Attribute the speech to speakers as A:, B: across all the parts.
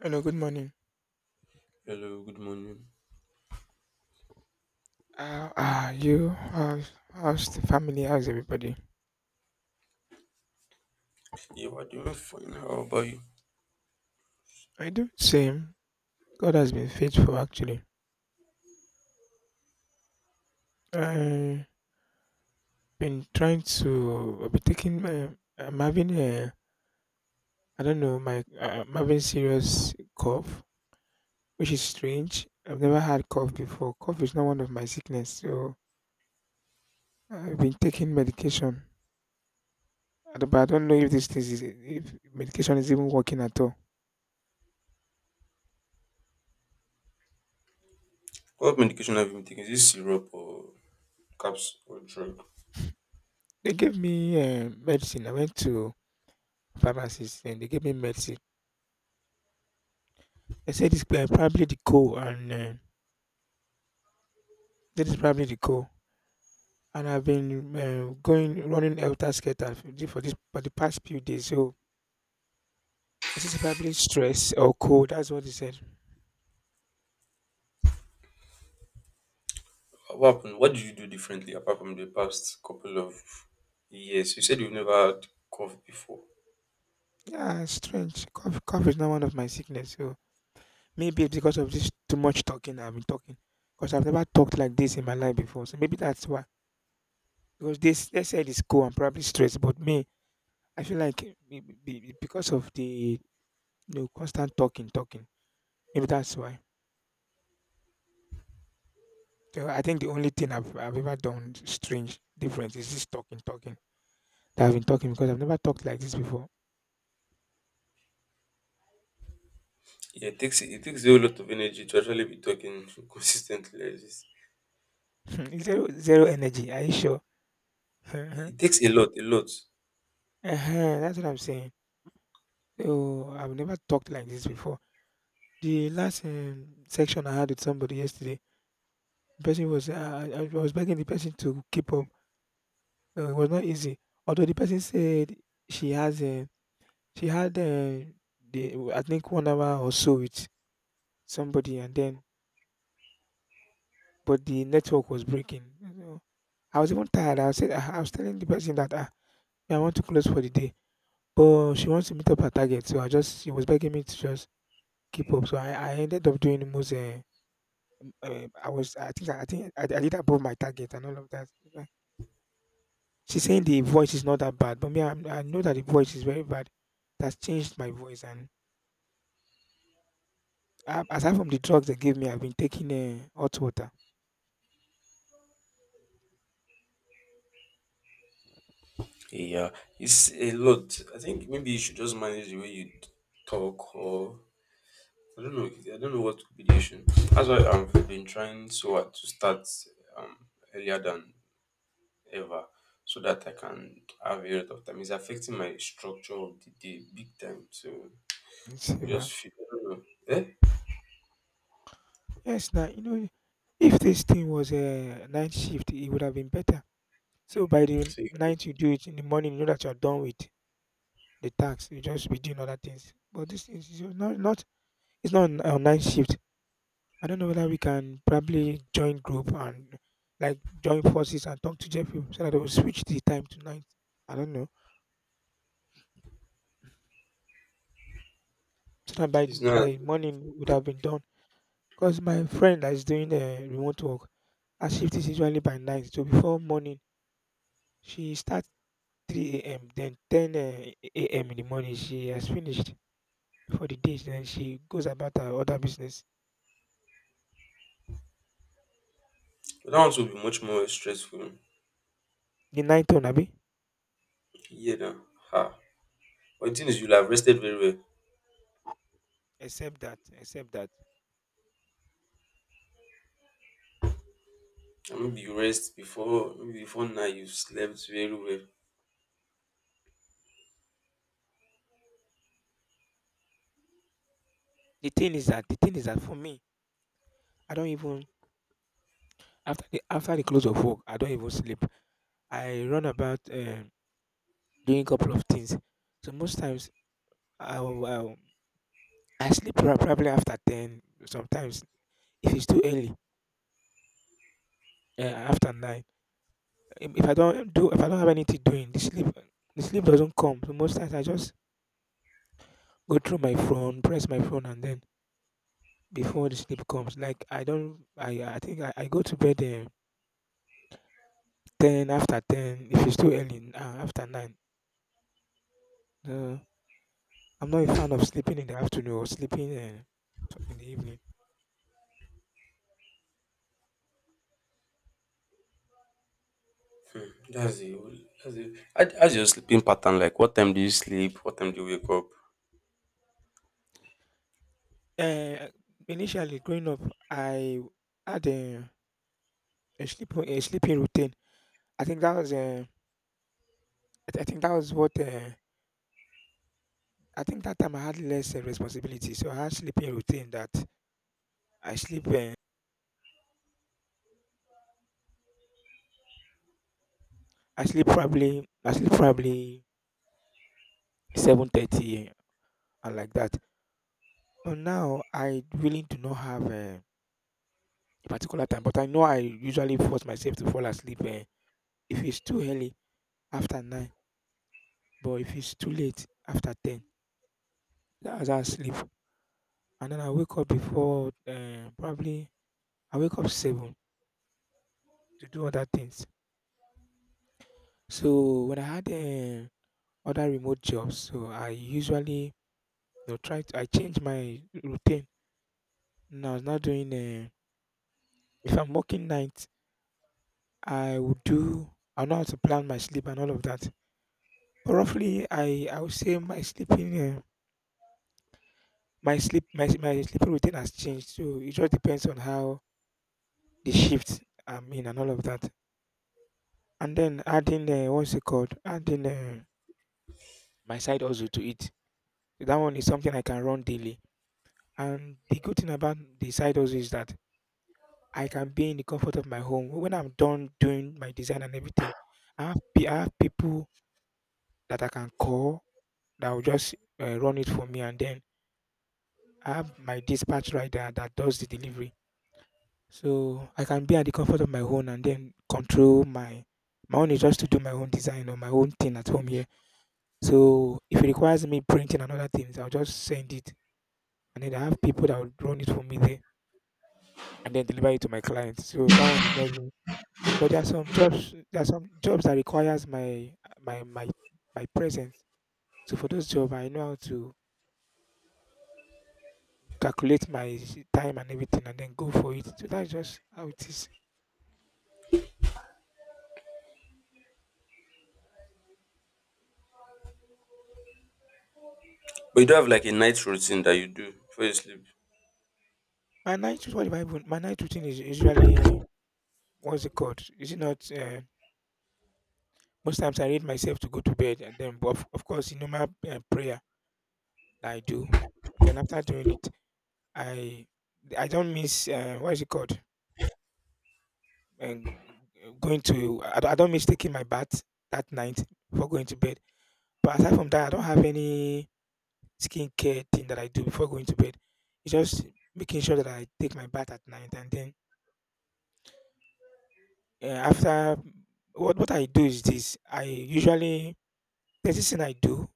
A: Hello, good morning.
B: Hello, good morning.
A: How are you? How's the family? How's everybody?
B: Yeah, we're doing fine. How about you?
A: I do the same. God has been faithful, actually. I've been trying to. I've been taking. I'm having a. I don't know. My. I'm having serious cough, which is strange. I've never had cough before. Cough is not one of my sickness, so I've been taking medication. I don't- But I don't know if this thing is if medication is even working at all.
B: What medication have you been taking? Is this syrup or caps or drug?
A: They gave me medicine. I went to pharmacist and they gave me medicine. They said probably the cold and this is probably the cold. And I've been going running helter skelter for this for the past few days. So this is probably stress or cold. That's what they said.
B: What happened? What did you do differently apart from the past couple of years? You said you've never had cough before.
A: Yeah, strange. Cough is not one of my sickness. So maybe it's because of this too much talking I've been talking. Because I've never talked like this in my life before. So maybe that's why. Because this they said it's cold and probably stress. But me, I feel like because of the constant talking. Maybe that's why. So I think the only thing I've ever done strange different is this talking that I've been talking because I've never talked like this before.
B: Yeah, it takes a whole lot of energy to actually be talking consistently like this.
A: Zero energy. Are you sure? uh
B: It takes a lot, a lot.
A: That's what I'm saying. So I've never talked like this before. The last section I had with somebody yesterday, the person was, uh, I was begging the person to keep up. It was not easy. Although the person said she has, uh, she had, uh, I think 1 hour or so with somebody and then but the network was breaking. I was even tired. I said I was telling the person that ah, me, I want to close for the day, but she wants to meet up her Target, so I just she was begging me to just keep up. So I ended up doing the most. I think I did above my target and all of that. Uh, She's saying the voice is not that bad, but me I know that the voice is very bad. That's changed my voice and aside from the drugs they gave me, I've been taking hot water.
B: Yeah, it's a lot. I think maybe you should just manage the way you talk or I don't know. I don't know what could be the issue. That's why I've been trying so hard to start um, earlier than ever, so that I can have a lot of time. It's affecting my structure of the day big time. So I
A: Saver.
B: just feel. I don't know. Eh?
A: Yes, now you know if this thing was a night shift, it would have been better. So by the
B: So
A: night you do it in the morning, you know that you are done with the tax. You just be doing other things. But this is not not it's not a night shift. I don't know whether we can probably join group and like join forces and talk to Jeffrey so that they will switch the time to night. I don't know. So that by
B: it's not.
A: morning would have been done. Because my friend that is doing remote work, her shift is usually by night. So before morning, she starts 3 a.m. Then 10 a.m. in the morning, she has finished for the day. Then she goes about her other business.
B: That one will be much more stressful.
A: The night turn, Abi.
B: Yeah. Now. Ha. But the thing is, you'll have rested very well.
A: Except that,
B: And maybe you rest before maybe before now you slept very well.
A: the thing is that for me, I don't even after the close of work, I don't even sleep. I run about doing a couple of things. So most times, I'll I sleep probably after 10, sometimes if it's too early, after 9. If I don't do if I don't have anything doing, the sleep doesn't come. So most times I just go through my phone, press my phone and then before the sleep comes. Like I don't I think I go to bed 10 after 10 if it's too early, after 9. Uh, I'm not a fan of sleeping in the afternoon or sleeping in the evening.
B: That's the whole. That's the. How's your sleeping pattern like? What time do you sleep? What time do you wake up?
A: Uh, initially growing up, I had a sleep a sleeping routine I think that was, uh, I think that was what, I think that time I had less responsibility. So I had sleeping routine that I sleep, I sleep probably 7:30 and like that. But now I really do not have a particular time, but I know I usually force myself to fall asleep if it's too early after 9, but if it's too late after 10, that's how I sleep. And then I wake up before, probably I wake up 7 to do other things. So when I had other remote jobs. So I usually you know, try to I change my routine. Now I was not doing if I'm working night, I would do I know how to plan my sleep and all of that. But roughly, I would say my sleeping my sleep my my sleeping routine has changed. So it just depends on how the shift I'm in and all of that. And then adding what's it called? Adding my side also to it. So that one is something I can run daily. And the good thing about the side also is that I can be in the comfort of my home. When I'm done doing my design and everything, I have, I have people that I can call that will just run it for me, and then I have my dispatch rider that does the delivery. So I can be at the comfort of my home and then control my own is just to do my own design or my own thing at home here. So if it requires me printing and other things, I'll just send it, and then I have people that will run it for me there and then deliver it to my clients. So that one is not even. But there are some jobs that requires my my my presence. So for those job, I know how to calculate time and everything, and then go for it. So that's just how it is.
B: But you do have like a night routine that you do before you sleep.
A: My night, what if I even, my night routine is usually what's it called? Is it not? Most times I read myself to go to bed, and then, of course, you know my prayer that I do, and then after doing it, I I don't miss what is it called? Um, going to I don't miss taking my bath that night before going to bed. But aside from that, I don't have any skincare thing that I do before going to bed. It's just making sure that I take my bath at night, and then after what I do is this: I usually there's this thing I do.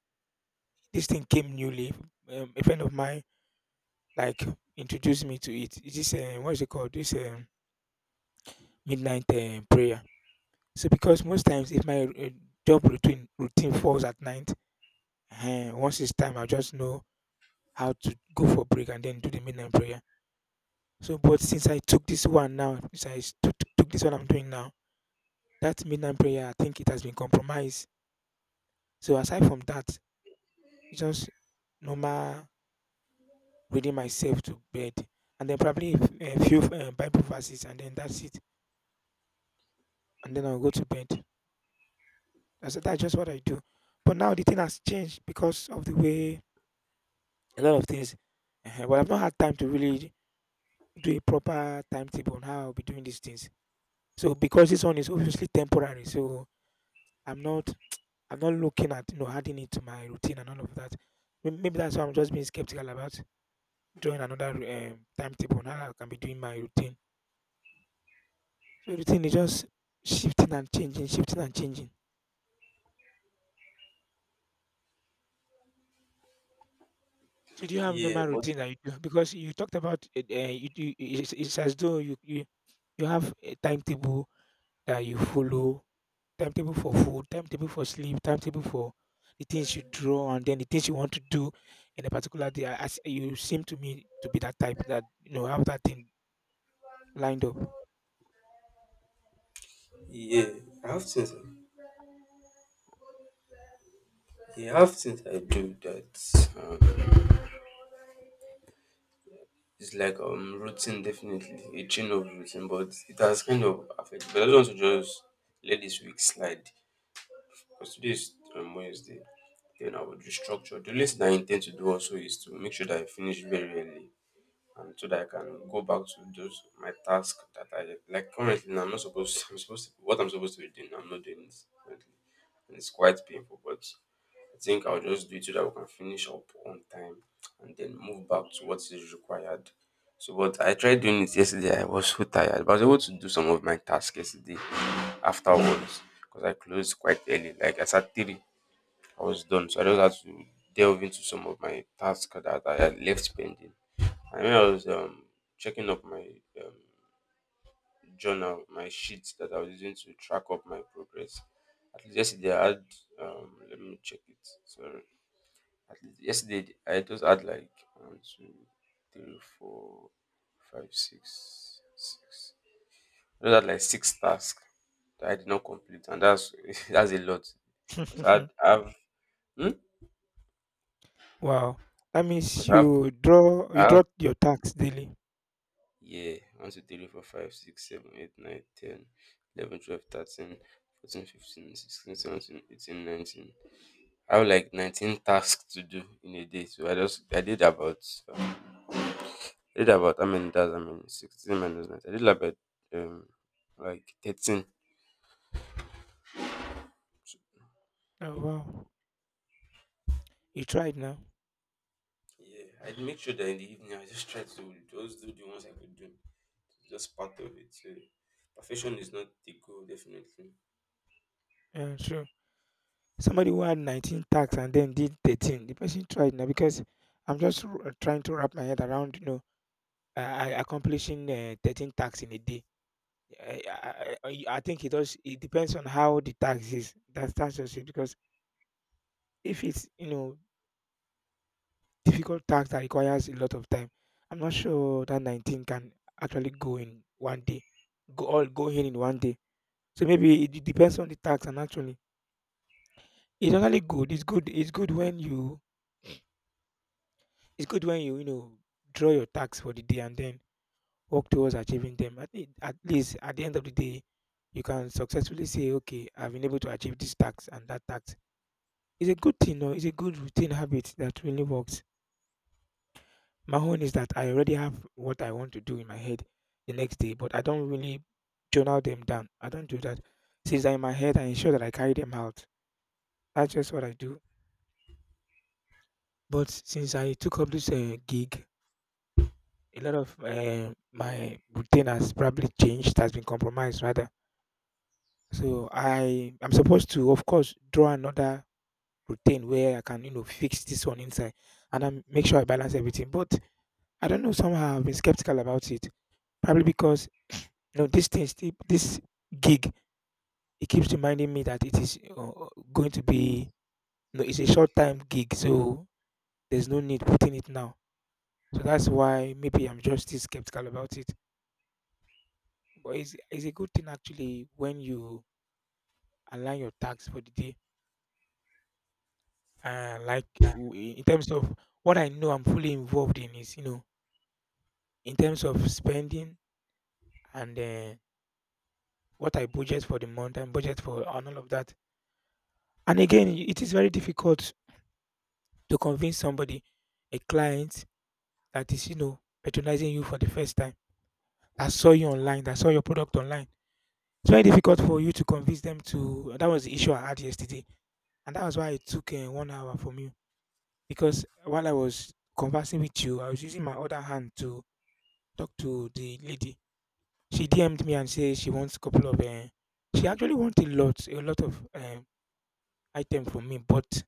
A: This thing came newly. A friend of mine like introduced me to it. It's this what is it called? This midnight prayer. So because most times if my job routine falls at night, once it's time, I just know how to go for break and then do the midnight prayer. So, but since I took this one now, since I took this one I'm doing now, that midnight prayer, I think it has been compromised. So, aside from that, it's just normal reading myself to bed, and then probably a few Bible verses, and then that's it, and then I'll go to bed. That's just what I do. But now the thing has changed because of the way a lot of things. Well, I've not had time to really do a proper timetable on how I'll be doing these things. So, because this one is obviously temporary, so I'm not I'm not looking at you know adding it to my routine and all of that. Maybe that's why I'm just being skeptical about doing another timetable. Now I can be doing my routine. So routine is just shifting and changing, shifting and changing. So do you have
B: Yeah,
A: normal
B: but
A: routine that you do? Because you talked about it, uh, it's as though you you have a timetable that you follow timetable for food, timetable for sleep, timetable for the things you draw, and then the things you want to do in a particular day. As you seem to me to be that type that you know have that thing lined up.
B: yeah, I have things. Yeah, I have things I do that is like routine, definitely a chain of routine, but it has kind of affected. But I don't want to just let this week slide because today is Wednesday. Then I would restructure. The only thing I intend to do also is to make sure that I finish very early, and so that I can go back to those my task that I like currently. Now I'm not supposed. I'm supposed to, what I'm supposed to be doing. I'm not doing it. And it's quite painful, but I think I'll just do it so that we can finish up on time and then move back to what is required. So, but I tried doing it yesterday. I was so tired, but I was able to do some of my tasks yesterday afterwards because I closed quite early. Like I said, three, I was done. So I just had to delve into some of my tasks that I had left pending. I remember I was checking up my um, journal, my sheet that I was using to track up my progress. At least yesterday I had let me check it. Sorry. At least yesterday I just had like one, two, three, four, five, six, six. I just had like six tasks that I did not complete, and that's that's a lot. Because I had I have hmm?
A: Wow, that means
B: Because I have, I
A: you
B: have
A: draw your tax daily.
B: yeah, 1 2 3 4 5 6 7 8 9 10 11 12 13 14 15 16 17 18 19. I have like 19 tasks to do in a day. So I just um, I did about how many tasks? I mean 16 minus 9. I did about um like 13. So,
A: Oh wow, you tried now.
B: yeah, I make sure that in the evening I just try to just do the ones I could do. Just part of it. So perfection is not the goal, definitely.
A: Yeah, sure. Somebody who had 19 tax and then did 13. The person tried now because I'm just trying to wrap my head around, you know, accomplishing 13 tax in a day. I think it does. It depends on how the tax is. That's just it. Because if it's difficult tax that requires a lot of time, I'm not sure that 19 can actually go in one day. Go in one day. So maybe it depends on the tax, and actually it's actually good. It's good when you draw your tax for the day and then work towards achieving them. At least at the end of the day, you can successfully say, "Okay, I've been able to achieve this tax and that tax." It's a good thing or it's a good routine habit that really works. My own is that I already have what I want to do in my head the next day, but I don't really journal them down. I don't do that. Since they're in my head, I ensure that I carry them out. That's just what I do. But since I took up this gig, a lot of my routine has probably changed, has been compromised rather. So I'm supposed to, of course, draw another routine where I can, you know, fix this one inside and I make sure I balance everything. But I don't know, somehow I've been skeptical about it. Probably because this thing, this gig, it keeps reminding me that it is going to be, it's a short time gig, so there's no need putting it now. So that's why maybe I'm just still skeptical about it. But it's a good thing actually when you align your tasks for the day. And like in terms of what I know I'm fully involved in is, in terms of spending and what I budget for the month and budget for and all of that. And again, it is very difficult to convince somebody, a client that is, patronizing you for the first time, that saw you online, that saw your product online. It's very difficult for you to convince them to. That was the issue I had yesterday. And that was why it took one hour from you because while I was conversing with you, I was using my other hand to talk to the lady. She DM'd me and said she wants a couple of. She actually wants a lot of item from me, but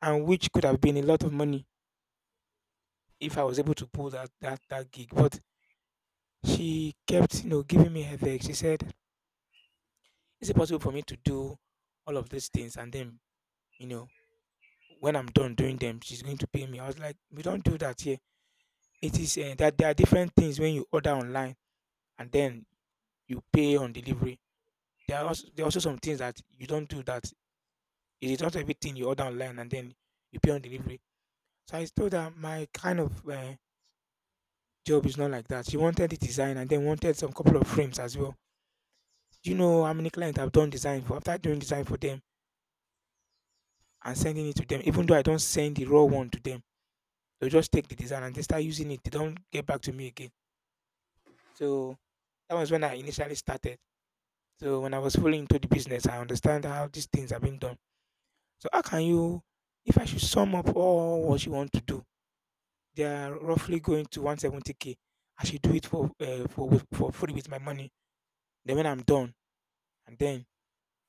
A: and which could have been a lot of money if I was able to pull that gig. But she kept giving me headache. She said, "Is it possible for me to do all of these things and then, you know, when I'm done doing them, she's going to pay me?" I was like, "We don't do that here." It is that there are different things when you order online and then you pay on delivery. There are also some things that you don't do that. It is not everything you order online and then you pay on delivery. So I told her my kind of job is not like that. She wanted the design and then wanted some couple of frames as well. Do you know how many clients I've done design for? After doing design for them and sending it to them, even though I don't send the raw one to them, they'll just take the design and they start using it. They don't get back to me again. So that was when I initially started. So when I was fully into the business, I understand how these things are being done. So how can you, if I should sum up all what you want to do, they are roughly going to 170K. I should do it for free with my money. Then when I'm done, and then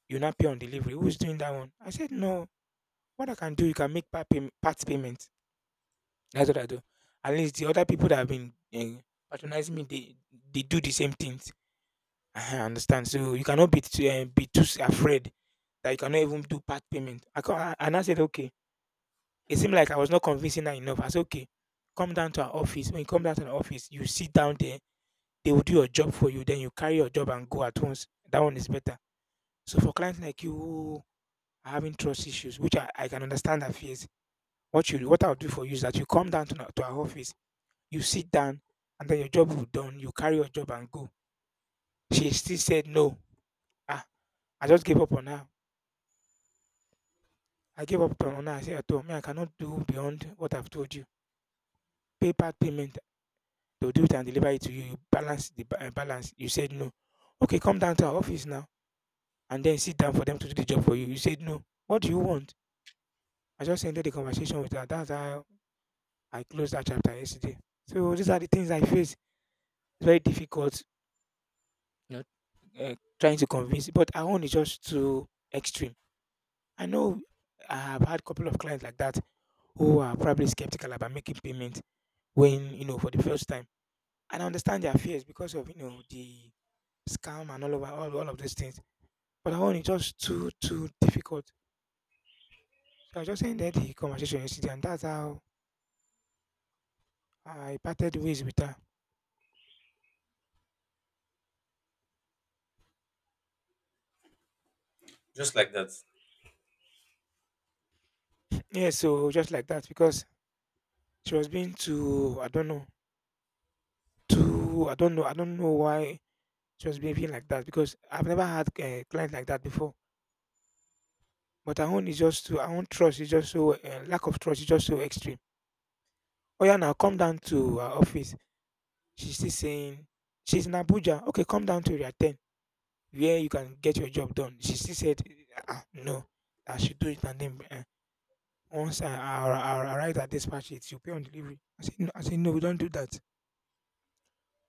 A: you not pay on delivery. Who's doing that one? I said no. What I can do, you can make part payment. That's what I do. At least the other people that have been patronizing me, they do the same things. Uh-huh, I understand. So you cannot be too afraid that you cannot even do part payment. And I said, okay. It seemed like I was not convincing her enough. I said, okay, come down to our office. When you come down to the office, you sit down there. They will do your job for you. Then you carry your job and go at once. That one is better. So for clients like you who are having trust issues, which I can understand their fears, what I'll do for you is that you come down to our office, you sit down, and then your job will be done. You carry your job and go. She still said no. Ah, I just gave up on her. I gave up on her. I said, I told me I cannot do beyond what I've told you. PayPal payment, they'll do it and deliver it to you. You balance the balance. You said no. Okay, come down to our office now and then sit down for them to do the job for you. You said no. What do you want? I just ended the conversation with her. That's how I closed that chapter yesterday. So these are the things I face. It's very difficult, you know, trying to convince. But our own is just too extreme. I know I have had a couple of clients like that who are probably skeptical about making payment when for the first time and I understand their fears because of the scam and all of those things. But that one is just too difficult. So I just ended the conversation yesterday, and that's how I parted ways with her.
B: Just like that.
A: Yeah, so just like that because she was being too, I don't know, too, I don't know, I don't know why she was behaving like that because I've never had a client like that before. But her own is just too, her own trust is just so, lack of trust is just so extreme. Oh yeah, now come down to our office. She's still saying she's in Abuja. Okay, come down to area 10 where you can get your job done. She still said, ah, no, I should do it. And then once I arrive at dispatch, it, you pay on delivery. I said, no, we don't do that.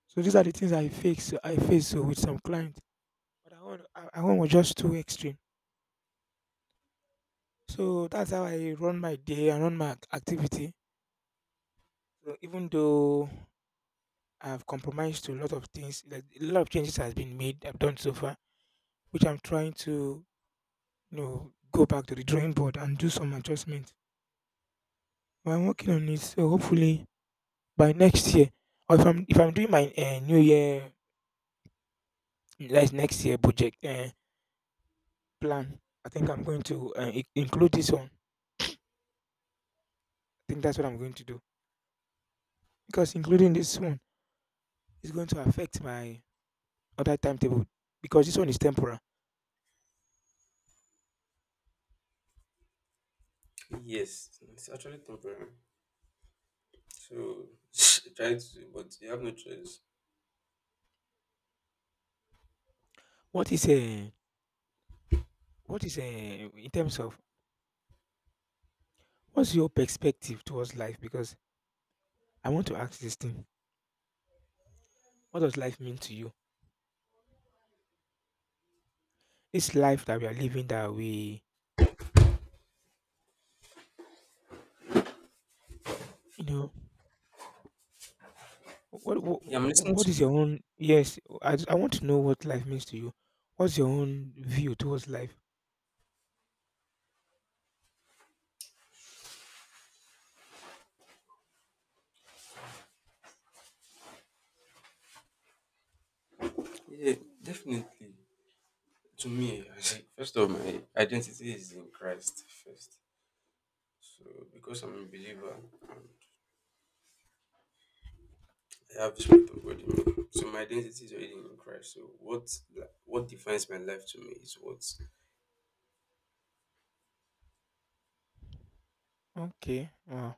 A: So these are the things I face, so I face with some clients. But I want was just too extreme. So that's how I run my day and run my activity. So even though I've compromised to a lot of things, like, a lot of changes has been made, I've done so far, which I'm trying to go back to the drawing board and do some adjustment. But I'm working on it, so hopefully by next year, or if I'm doing my new year like next year project plan, I think I'm going to include this one. I think that's what I'm going to do because including this one is going to affect my other timetable because this one is temporal.
B: Yes, it's actually temporary. So try to, but you have no choice.
A: What is a what is a in terms of what's your perspective towards life? Because I want to ask this thing: What does life mean to you? This life that we are living, that we, you know What
B: Yeah, I'm
A: what
B: listening
A: what
B: to
A: is your
B: you.
A: own? Yes, I want to know what life means to you. What's your own view towards life?
B: Yeah, definitely. To me, I, first of my identity is in Christ first. So because I'm a believer and I have the spirit of God in me, so my identity is already in Christ. So what defines my life to me is what
A: Okay, wow.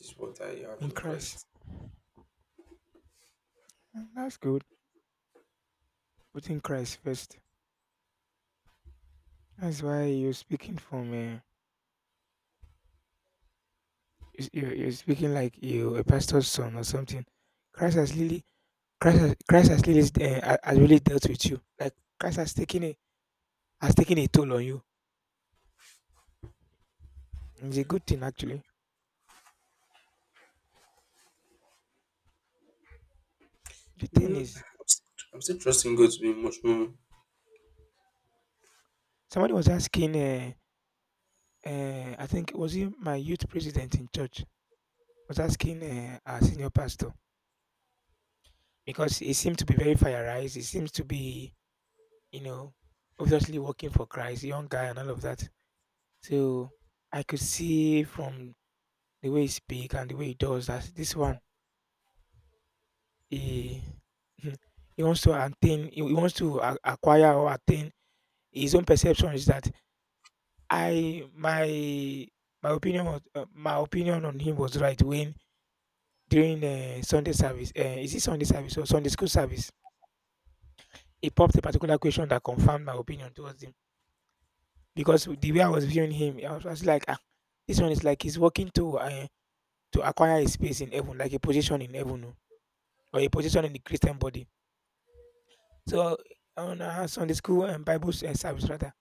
B: is what I have
A: In
B: in
A: Christ.
B: Christ.
A: Mm, that's good. Put in Christ first. That's why you're speaking like you a pastor's son or something. Christ has really Christ has really dealt with you. Like Christ has taken a toll on you. It's a good thing actually. The thing
B: Mm,
A: is,
B: I'm, still, I'm still trusting God to be much more.
A: somebody was asking. I think was he my youth president in church was asking our senior pastor because he seemed to be very fireized. He seems to be, you know, obviously working for Christ, young guy and all of that. So I could see from the way he speak and the way he does that this one he he wants to attain he wants to acquire or attain his own perception is that I my my opinion was, my opinion on him was right when during Sunday service, is it Sunday service or Sunday school service, he popped a particular question that confirmed my opinion towards him. Because the way I was viewing him, I was like, ah, this one is like he's working to acquire a space in heaven, like a position in heaven oh, or a position in the Christian body. So on Sunday school and Bible service rather,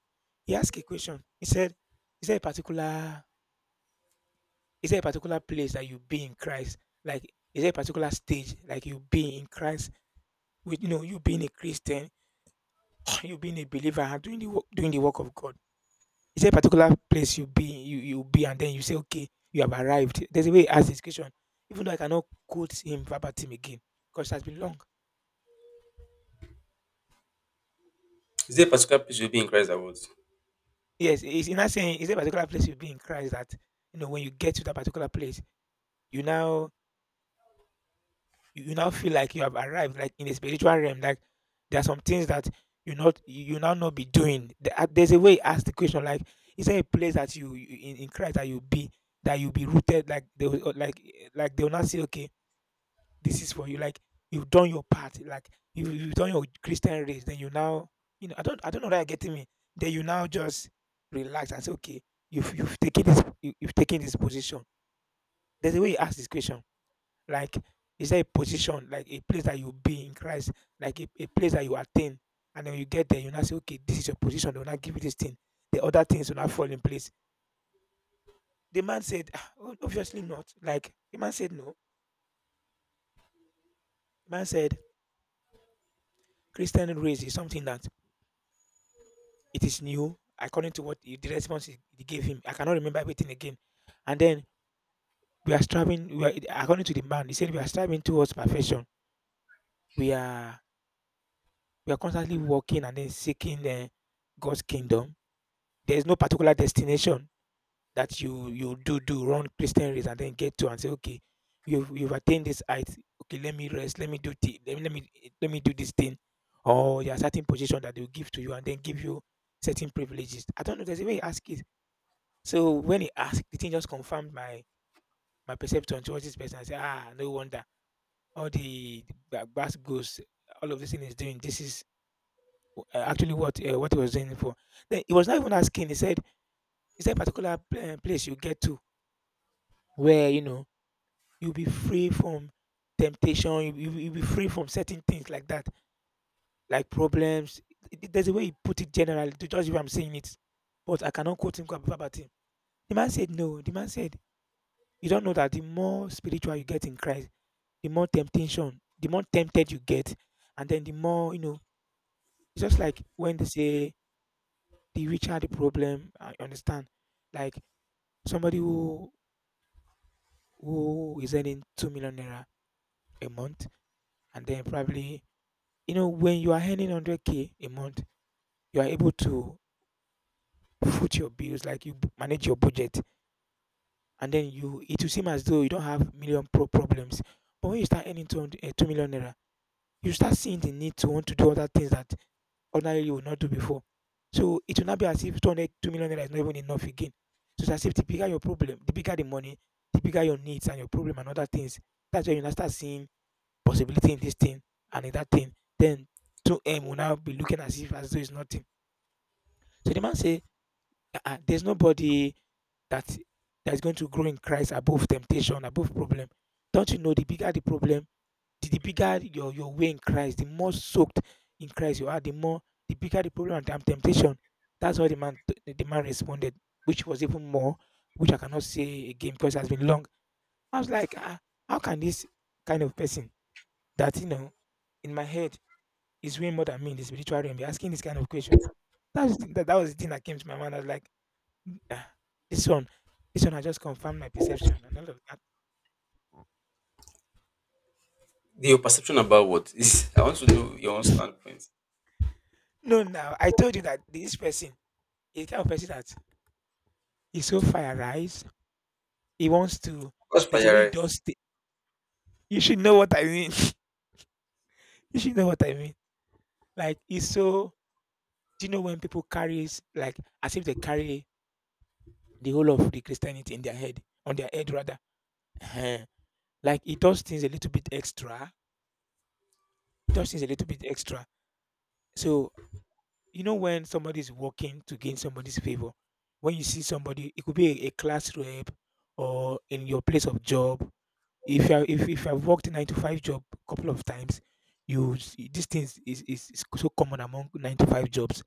A: he asked a question. He said, "Is there a particular, is there a particular place that you be in Christ? Like is there a particular stage like you be in Christ with, you know, you being a Christian, you being a believer and doing the work, doing the work of God? Is a particular place you be, you be, and then you say, okay, you have arrived." There's a way he asked this question, even though I cannot quote him verbatim again, because it has been long.
B: Is there a particular place you'll be in Christ about?
A: Yes, he's not saying, "Is a particular place you be in Christ that, you know, when you get to that particular place, you now you now feel like you have arrived, like in a spiritual realm, like there are some things that you now not be doing." There's a way he asked the question, like, "Is there a place that you in Christ that you be, that you be rooted?" Like they will not say, "Okay, this is for you. Like you've done your part. Like you've done your Christian race. Then you now, you know, I don't know that you're getting me. Then you now just relax and say, okay, you've taken this, you've taken this position." There's a way you ask this question. Like, is there a position, like a place that you'll be in Christ, like a place that you attain, and then you get there, you now say, okay, this is your position. They will not give you this thing. The other things will not fall in place. The man said, "Ah, obviously not." Like the man said, no. The man said, Christian race is something that, it is new according to what the response he gave him. I cannot remember everything again. And then we are striving. We are, according to the man, he said we are striving towards perfection. We are, we are constantly working and then seeking God's kingdom. There is no particular destination that you do do run Christian race and then get to and say, okay, you've attained this height. Okay, let me rest. Let me do thi- let me let me let me do this thing. Or there are certain position that they will give to you and then give you certain privileges. I don't know. There's a way you ask it. So when he asked, the thing just confirmed my my perception towards this person. I said, ah, no wonder all the bass goes, all of this thing is doing. This is actually what he was doing it for. Then he was not even asking. He said, is there a particular place you get to where you know you'll be free from temptation, you'll be free from certain things like that, like problems. There's a way he put it generally to judge if I'm saying it, but I cannot quote him verbatim. The man said no. The man said, you don't know that the more spiritual you get in Christ the more temptation, the more tempted you get, and then the more you know. It's just like when they say the richer the problem. I understand. Like somebody who is earning 2 million naira a month, and then probably you know when you are earning 100K a month, you are able to foot your bills, like manage your budget, and then you, it will seem as though you don't have million pro problems. But when you start earning 200, 2 million naira, you start seeing the need to want to do other things that ordinarily you would not do before. So it will not be as if 200, 2 million naira is not even enough again. So it's as if the bigger your problem, the bigger the money, the bigger your needs and your problem and other things. That's where you now start seeing possibility in this thing and in that thing. Then 2M will now be looking as if as though it's nothing. So the man say, there's nobody that is going to grow in Christ above temptation, above problem. Don't you know the bigger the problem, the bigger your way in Christ, the more soaked in Christ you are, the more the bigger the problem and temptation. That's how the man responded, which was even more, which I cannot say again because it has been long. I was like, ah, how can this kind of person that, you know, in my head is way more than me in the spiritual realm be asking this kind of question? That was the that was the thing that came to my mind. I was like, ah, this one, this one, has just confirmed my perception and all of that.
B: Your perception about what is? I want to know your own standpoint.
A: No, now I told you that this person is the kind of person that is so fire, right? He wants to,
B: What's for
A: there's a way he
B: your eyes?
A: does you should know what I mean. You should know what I mean. Like he's so, do you know when people carries like as if they carry the whole of the Christianity in their head, on their head rather. Ehen. Like he does things a little bit extra. He does things a little bit extra. So you know when somebody is working to gain somebody's favor, when you see somebody, it could be a class rep or in your place of job. If I've worked nine to five job a couple of times, these things is so common among nine to five jobs.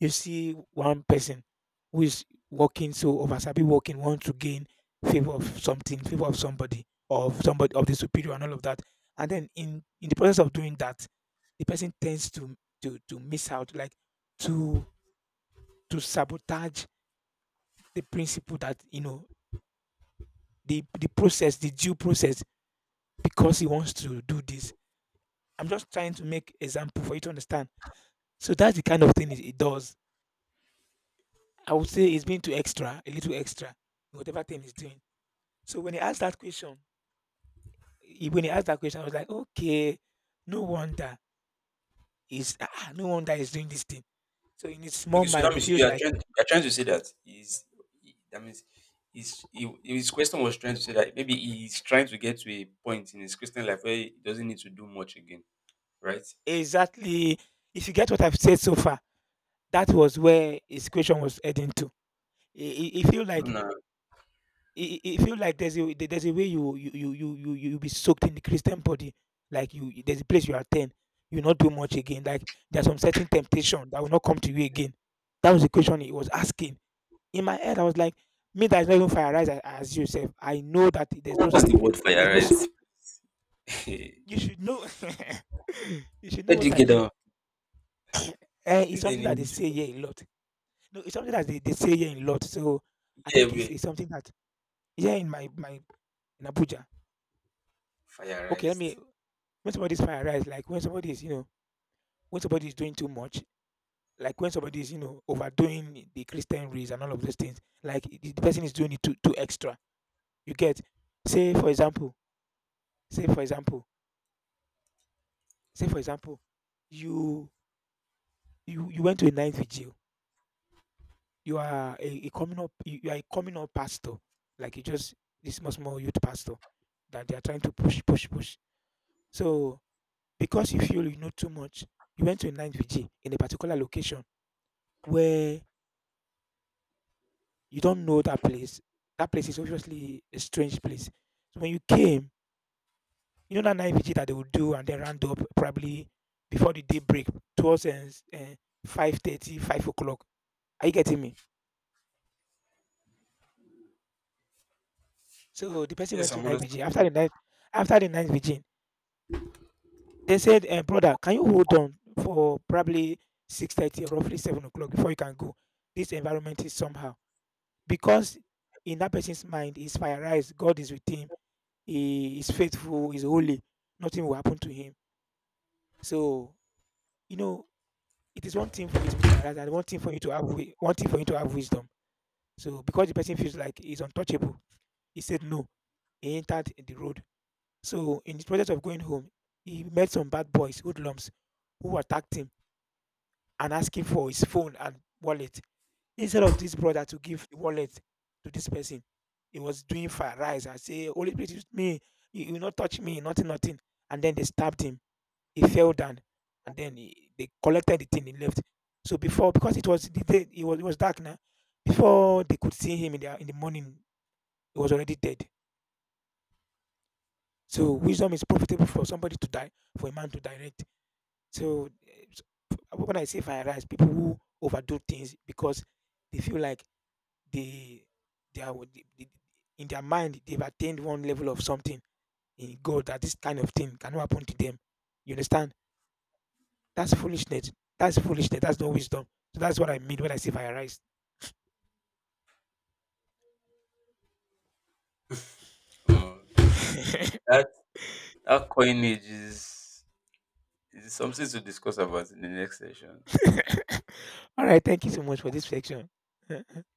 A: You see one person who is working so over, oversabby working want to gain favor of something, favor of somebody, of somebody of the superior and all of that. And then in the process of doing that, the person tends to to miss out, like to to sabotage the principle that, you know, the process, the due process, because he wants to do this. I'm just trying to make example for you to understand. So that's the kind of thing it does. I would say it's being too extra, a little extra, in whatever thing he's doing. So when he asked that question, when he asked that question, I was like, okay, no wonder is ah, no wonder he's doing this thing. So in his small
B: Okay, so
A: mind,
B: that
A: he
B: means
A: feels
B: you are
A: like,
B: trying you are trying to say that means his question was trying to say that maybe he's trying to get to a point in his Christian life where he doesn't need to do much again, right?
A: exactly. If you get what I've said so far, that was where his question was heading to. He feel like
B: Now,
A: it it feel like there's a, there's a way you be soaked in the Christian body. Like you- there's a place you attend, you not do much again. Like there's some certain temptation that will not come to you again. That was the question he was asking. In my head, I was like, me that is not even fire rise as yourself. I know that there's no
B: what's the word
A: there's no
B: fireized?
A: you should know you should know
B: Where do
A: what
B: you
A: I
B: get
A: mean.
B: that?
A: Eh, it's
B: Is it the
A: something that they
B: name?
A: say here a lot. No, it's something that they say here a lot. So I
B: Yeah,
A: think
B: we
A: it's something that yeah in my in Abuja. Okay, let
B: fireized.
A: me, when somebody's fire rise, like when somebody is, you know, when somebody is doing too much, like when somebody is, you know, overdoing the Christian race and all of those things, like the person is doing it too extra. You get, say for example, say for example, say for example, you you went to a night vigil. You are a coming up, you are a coming up pastor, like you just this small small youth pastor that they are trying to push push. So because you feel you know too much, you went to a night vigil in a particular location where you don't know that place. That place is obviously a strange place. So when you came, you know that night vigil that they would do and then round up probably before the day break towards o'clock. Are you getting me? So the person went
B: Yes,
A: to
B: I'm
A: night vigil.
B: understanding.
A: After the night vigil, they said, eh, brother, can you hold on for probably 6:30 or roughly 7 o'clock before you can go? This environment is somehow. Because in that person's mind, he's fireized. God is with him. He is faithful, he's holy, nothing will happen to him. So, you know, it is one thing for you to be paralyzed and one thing for you to have one thing for you to have wisdom. So because the person feels like he's untouchable, he said no. He entered the road. So in the process of going home, he met some bad boys, hoodlums, who attacked him and asked him for his phone and wallet. Instead of this brother to give the wallet to this person, he was doing fire rise and say, Holy Spirit, use me, you will not touch me, nothing, nothing. And then they stabbed him. He fell down and then they collected the thing, he left. So before, because it was the day, it was dark now, before they could see him in in the morning, he was already dead. So wisdom is profitable for somebody to die, for a man to direct. So when I say rise, people who overdo things because they feel like they, they, in their mind, they've attained one level of something in God that this kind of thing cannot happen to them. You understand? That's foolishness. That's foolishness. That's no wisdom. So that's what I mean when I say fireized.
B: Uh, that that coinage is something to discuss about in the next session.
A: All right. Thank you so much for this section.